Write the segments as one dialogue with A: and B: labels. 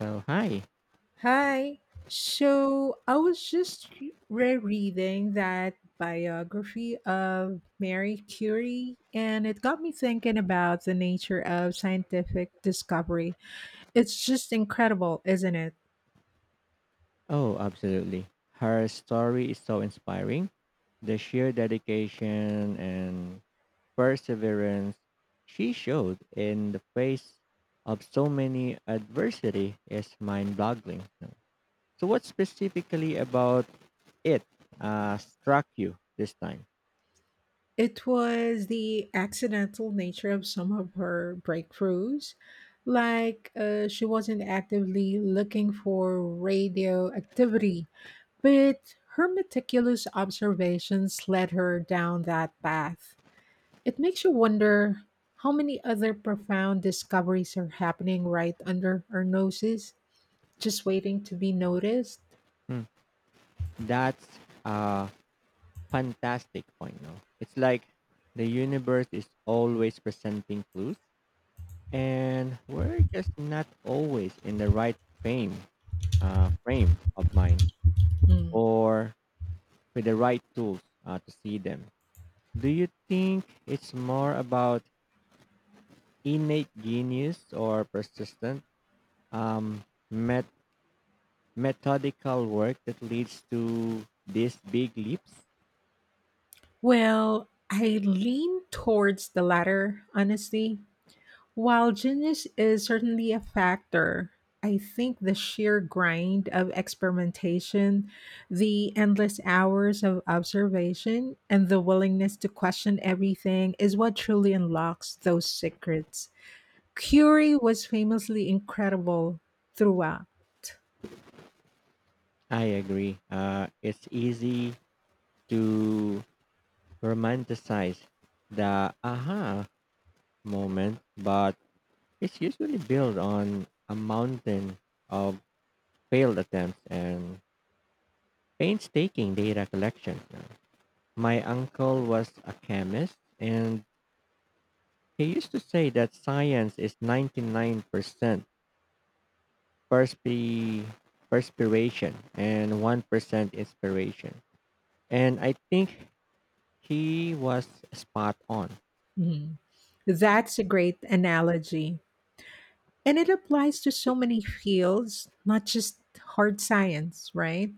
A: So, hi.
B: Hi. So I was just rereading that biography of Mary Curie, and it got me thinking about the nature of scientific discovery. It's just incredible, isn't it?
A: Oh, absolutely. Her story is so inspiring. The sheer dedication and perseverance she showed in the face of so many adversity is mind-boggling. So, what specifically about it struck you this time?
B: It was the accidental nature of some of her breakthroughs. Like she wasn't actively looking for radioactivity, but her meticulous observations led her down that path. It makes you wonder how many other profound discoveries are happening right under our noses, just waiting to be noticed.
A: Hmm. That's a fantastic point. No, it's like the universe is always presenting clues and we're just not always in the right frame frame of mind
B: Mm.
A: or with the right tools to see them. Do you think it's more about innate genius or persistent um, met- methodical work that leads to these big leaps?
B: Well, I lean towards the latter, honestly. While genius is certainly a factor, I think the sheer grind of experimentation, the endless hours of observation, and the willingness to question everything is what truly unlocks those secrets. Curie was famously incredible throughout.
A: I agree. It's easy to romanticize the aha moment, but it's usually built on a mountain of failed attempts and painstaking data collection. My uncle was a chemist, and he used to say that science is 99% perspi- perspiration and 1% inspiration. And I think he was spot on.
B: Mhm. That's a great analogy. And it applies to so many fields, not just hard science, right?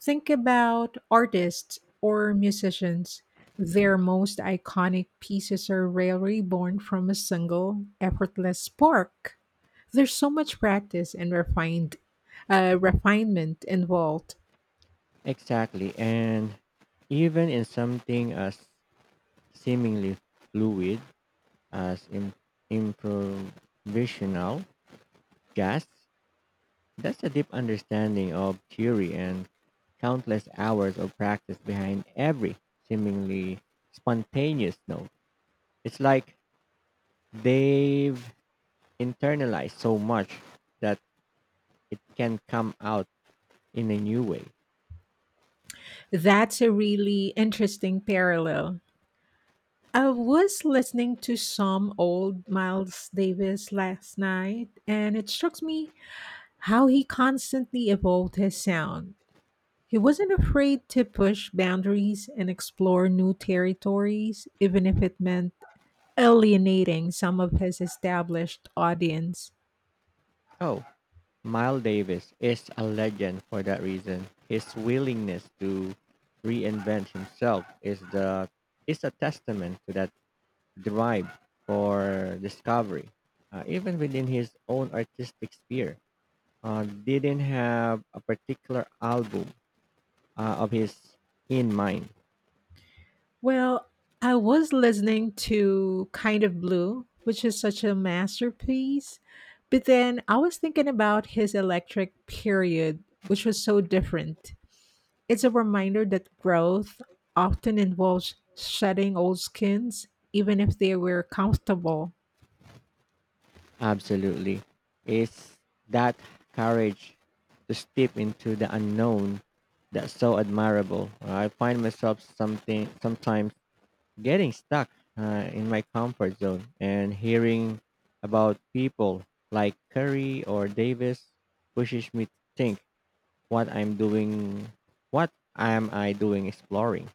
B: Think about artists or musicians. Their most iconic pieces are rarely born from a single effortless spark. There's so much practice and refined refinement involved.
A: Exactly. And even in something as seemingly fluid, as improvisational jazz. That's a deep understanding of theory and countless hours of practice behind every seemingly spontaneous note. It's like they've internalized so much that it can come out in a new way.
B: That's a really interesting parallel. I was listening to some old Miles Davis last night, and it struck me how he constantly evolved his sound. He wasn't afraid to push boundaries and explore new territories, even if it meant alienating some of his established audience.
A: Oh, Miles Davis is a legend for that reason. His willingness to reinvent himself is a testament to that drive for discovery, even within his own artistic sphere, didn't have a particular album of his in mind.
B: Well, I was listening to Kind of Blue, which is such a masterpiece, but then I was thinking about his electric period, which was so different. It's a reminder that growth often involves shedding old skins, even if they were comfortable.
A: Absolutely. It's that courage to step into the unknown that's so admirable. I find myself something sometimes getting stuck in my comfort zone and hearing about people like Curry or Davis pushes me to think what I'm doing, what am I doing exploring?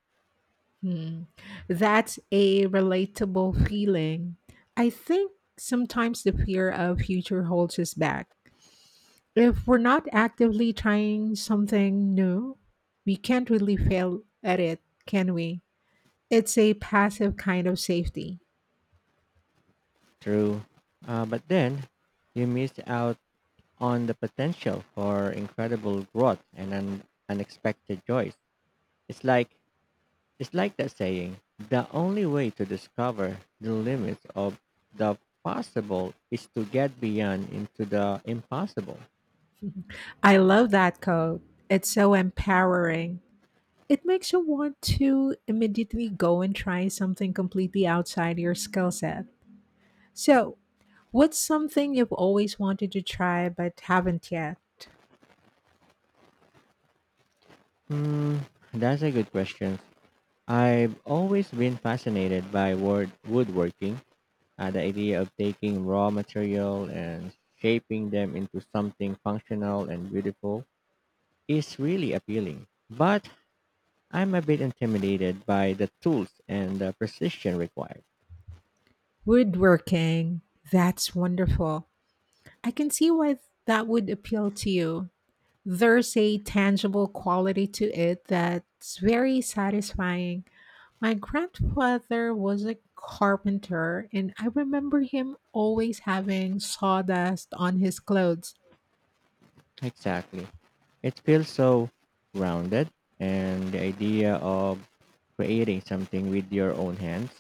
B: Hmm. That's a relatable feeling. I think sometimes the fear of future holds us back. If we're not actively trying something new, we can't really fail at it, can we? It's a passive kind of safety.
A: True. But then you miss out on the potential for incredible growth and unexpected joys. It's like it's like that saying, the only way to discover the limits of the possible is to get beyond into the impossible.
B: I love that quote. It's so empowering. It makes you want to immediately go and try something completely outside your skill set. So, what's something you've always wanted to try but haven't yet?
A: Hmm, that's a good question. I've always been fascinated by word woodworking. The idea of taking raw material and shaping them into something functional and beautiful is really appealing. But I'm a bit intimidated by the tools and the precision required.
B: Woodworking. That's wonderful. I can see why that would appeal to you. There's a tangible quality to it that's very satisfying. My grandfather was a carpenter, and I remember him always having sawdust on his clothes.
A: Exactly. It feels so rounded, and the idea of creating something with your own hands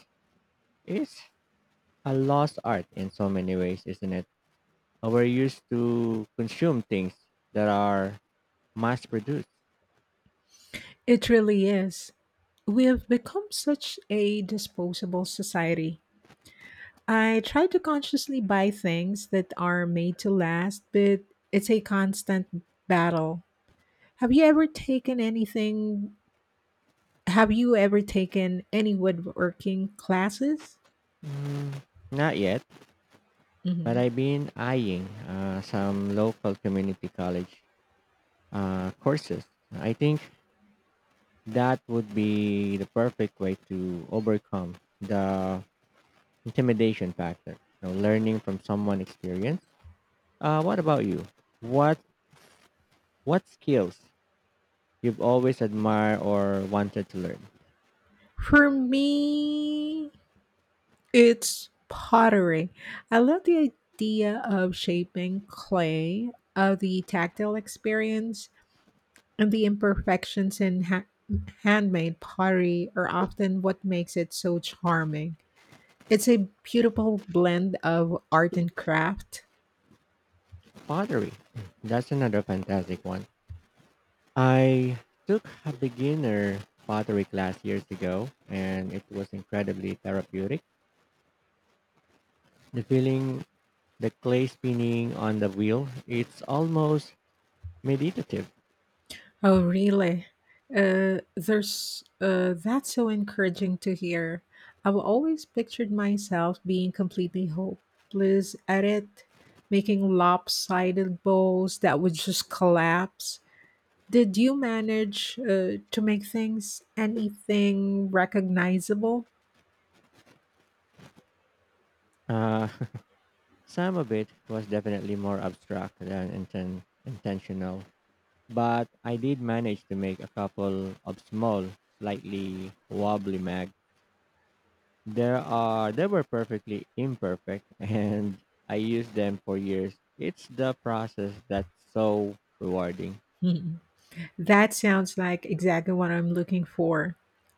A: is a lost art in so many ways, isn't it? We're used to consume things that are mass produced.
B: It really is. We have become such a disposable society. I try to consciously buy things that are made to last, but it's a constant battle. Have you ever taken anything? Have you ever taken any woodworking classes?
A: Mm, not yet. But
B: Mhm.
A: I've been eyeing some local community college courses. I think that would be the perfect way to overcome the intimidation factor. You know, learning from someone experienced. What about you? What what skills you've always admired or wanted to learn?
B: For me, it's pottery. I love the idea of shaping clay, of the tactile experience, and the imperfections in handmade pottery are often what makes it so charming. It's a beautiful blend of art and craft.
A: Pottery. That's another fantastic one. I took a beginner pottery class years ago, and it was incredibly therapeutic the feeling the clay spinning on the wheel. It's almost meditative.
B: Oh, really? There's That's so encouraging to hear. I've always pictured myself being completely hopeless at it, making lopsided bowls that would just collapse. Did you manage to make things anything recognizable?
A: Uh, some of it was definitely more abstract than intentional, but I did manage to make a couple of small, slightly wobbly mags. There are They were perfectly imperfect, and I used them for years. It's the process that's so rewarding.
B: That sounds like exactly what I'm looking for.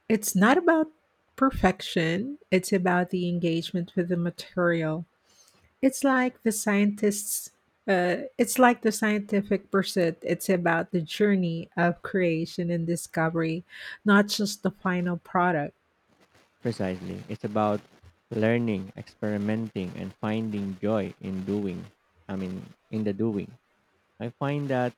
B: It's not about perfection, it's about the engagement with the material. It's like the scientists it's like the scientific pursuit. It's about the journey of creation and discovery, not just the final product.
A: Precisely. It's about learning, experimenting, and finding joy in doing. I mean, in the doing. I find that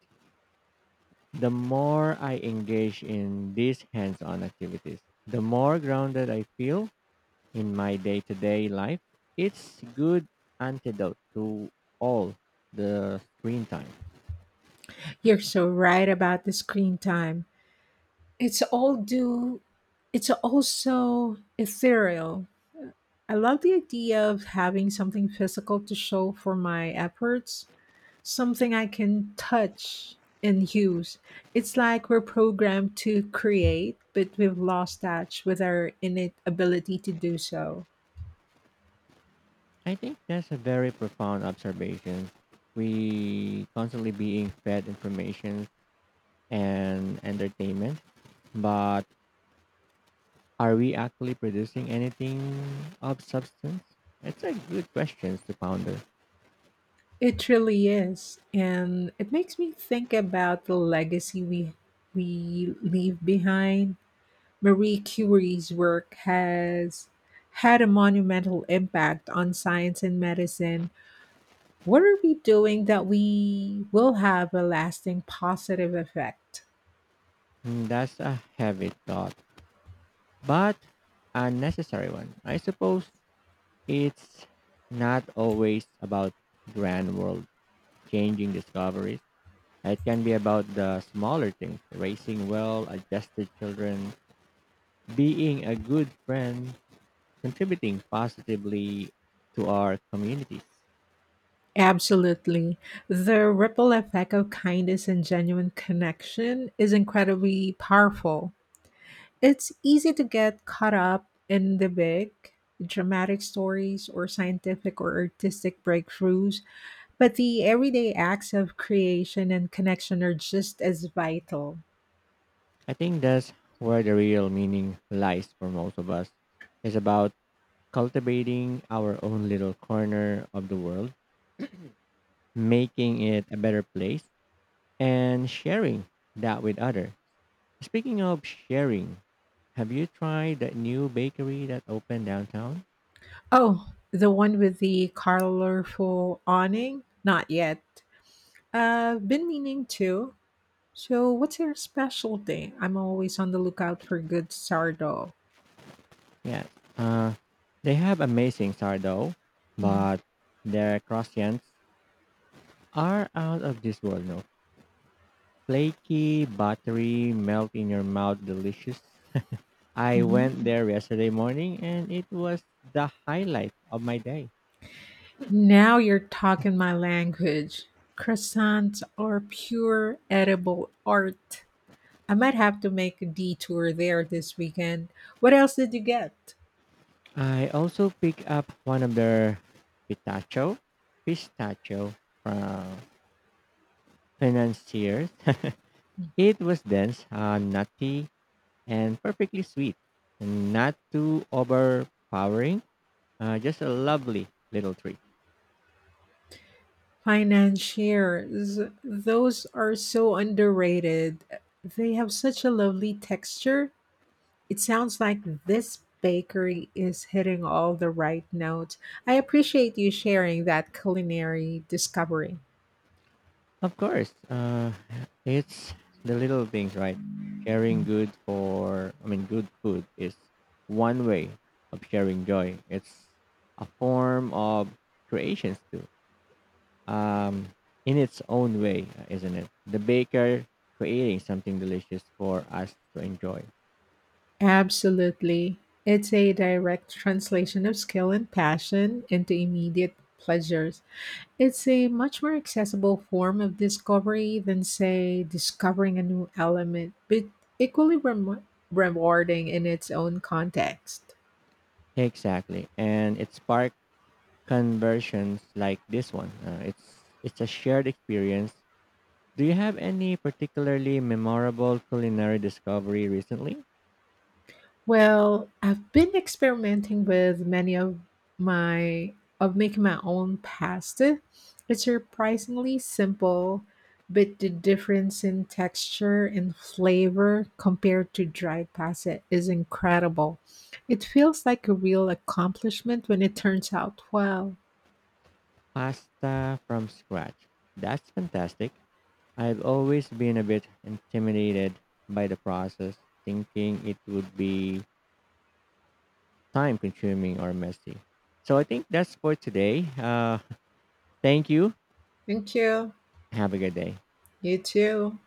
A: the more I engage in these hands on activities, the more grounded I feel in my day to day life. It's good antidote to all the screen time.
B: You're so right about the screen time. It's all do it's also ethereal. I love the idea of having something physical to show for my efforts, something I can touch and use. It's like we're programmed to create, but we've lost touch with our innate ability to do so.
A: I think that's a very profound observation. We constantly being fed information and entertainment, but are we actually producing anything of substance? It's a good question to ponder.
B: It really is, and it makes me think about the legacy we leave behind. Marie Curie's work has had a monumental impact on science and medicine. What are we doing that we will have a lasting positive effect?
A: Mm, that's a heavy thought, but a necessary one. I suppose it's not always about grand world changing discoveries. It can be about the smaller things, raising well adjusted children, being a good friend, contributing positively to our communities.
B: Absolutely. The ripple effect of kindness and genuine connection is incredibly powerful. It's easy to get caught up in the big, dramatic stories or scientific or artistic breakthroughs, but the everyday acts of creation and connection are just as vital.
A: I think that's where the real meaning lies for most of us. It's about cultivating our own little corner of the world, making it a better place, and sharing that with others. Speaking of sharing, have you tried that new bakery that opened downtown?
B: Oh, the one with the colorful awning? Not yet. Been meaning to. So, what's your specialty? I'm always on the lookout for good sourdough.
A: Yes. Uh, they have amazing sourdough, but their croissants are out of this world. No, flaky, buttery, melt in your mouth, delicious. I went
B: Mhm.
A: there yesterday morning and it was the highlight of my day.
B: Now you're talking my language. Croissants are pure edible art. I might have to make a detour there this weekend. What else did you get?
A: I also picked up one of their pistachio, pistachio from financiers. It was dense, nutty, and perfectly sweet. Not too overpowering, just a lovely little treat.
B: Financiers. Those are so underrated. They have such a lovely texture. It sounds like this bakery is hitting all the right notes. I appreciate you sharing that culinary discovery.
A: Of course. It's the little things, right? Sharing good for, I mean, good food is one way of sharing joy. It's a form of creations too, um, in its own way, isn't it? The baker creating something delicious for us to enjoy.
B: Absolutely. It's a direct translation of skill and passion into immediate pleasures. It's a much more accessible form of discovery than, say, discovering a new element, but equally rem- rewarding in its own context.
A: Exactly. And it sparked conversions like this one. It's a shared experience. Do you have any particularly memorable culinary discovery recently?
B: Well, I've been experimenting with many of my of making my own pasta. It's surprisingly simple, but the difference in texture and flavor compared to dried pasta is incredible. It feels like a real accomplishment when it turns out well.
A: Pasta from scratch. That's fantastic. I've always been a bit intimidated by the process, thinking it would be time consuming or messy. So I think that's for today. Thank you.
B: Thank you.
A: Have a good day.
B: You too.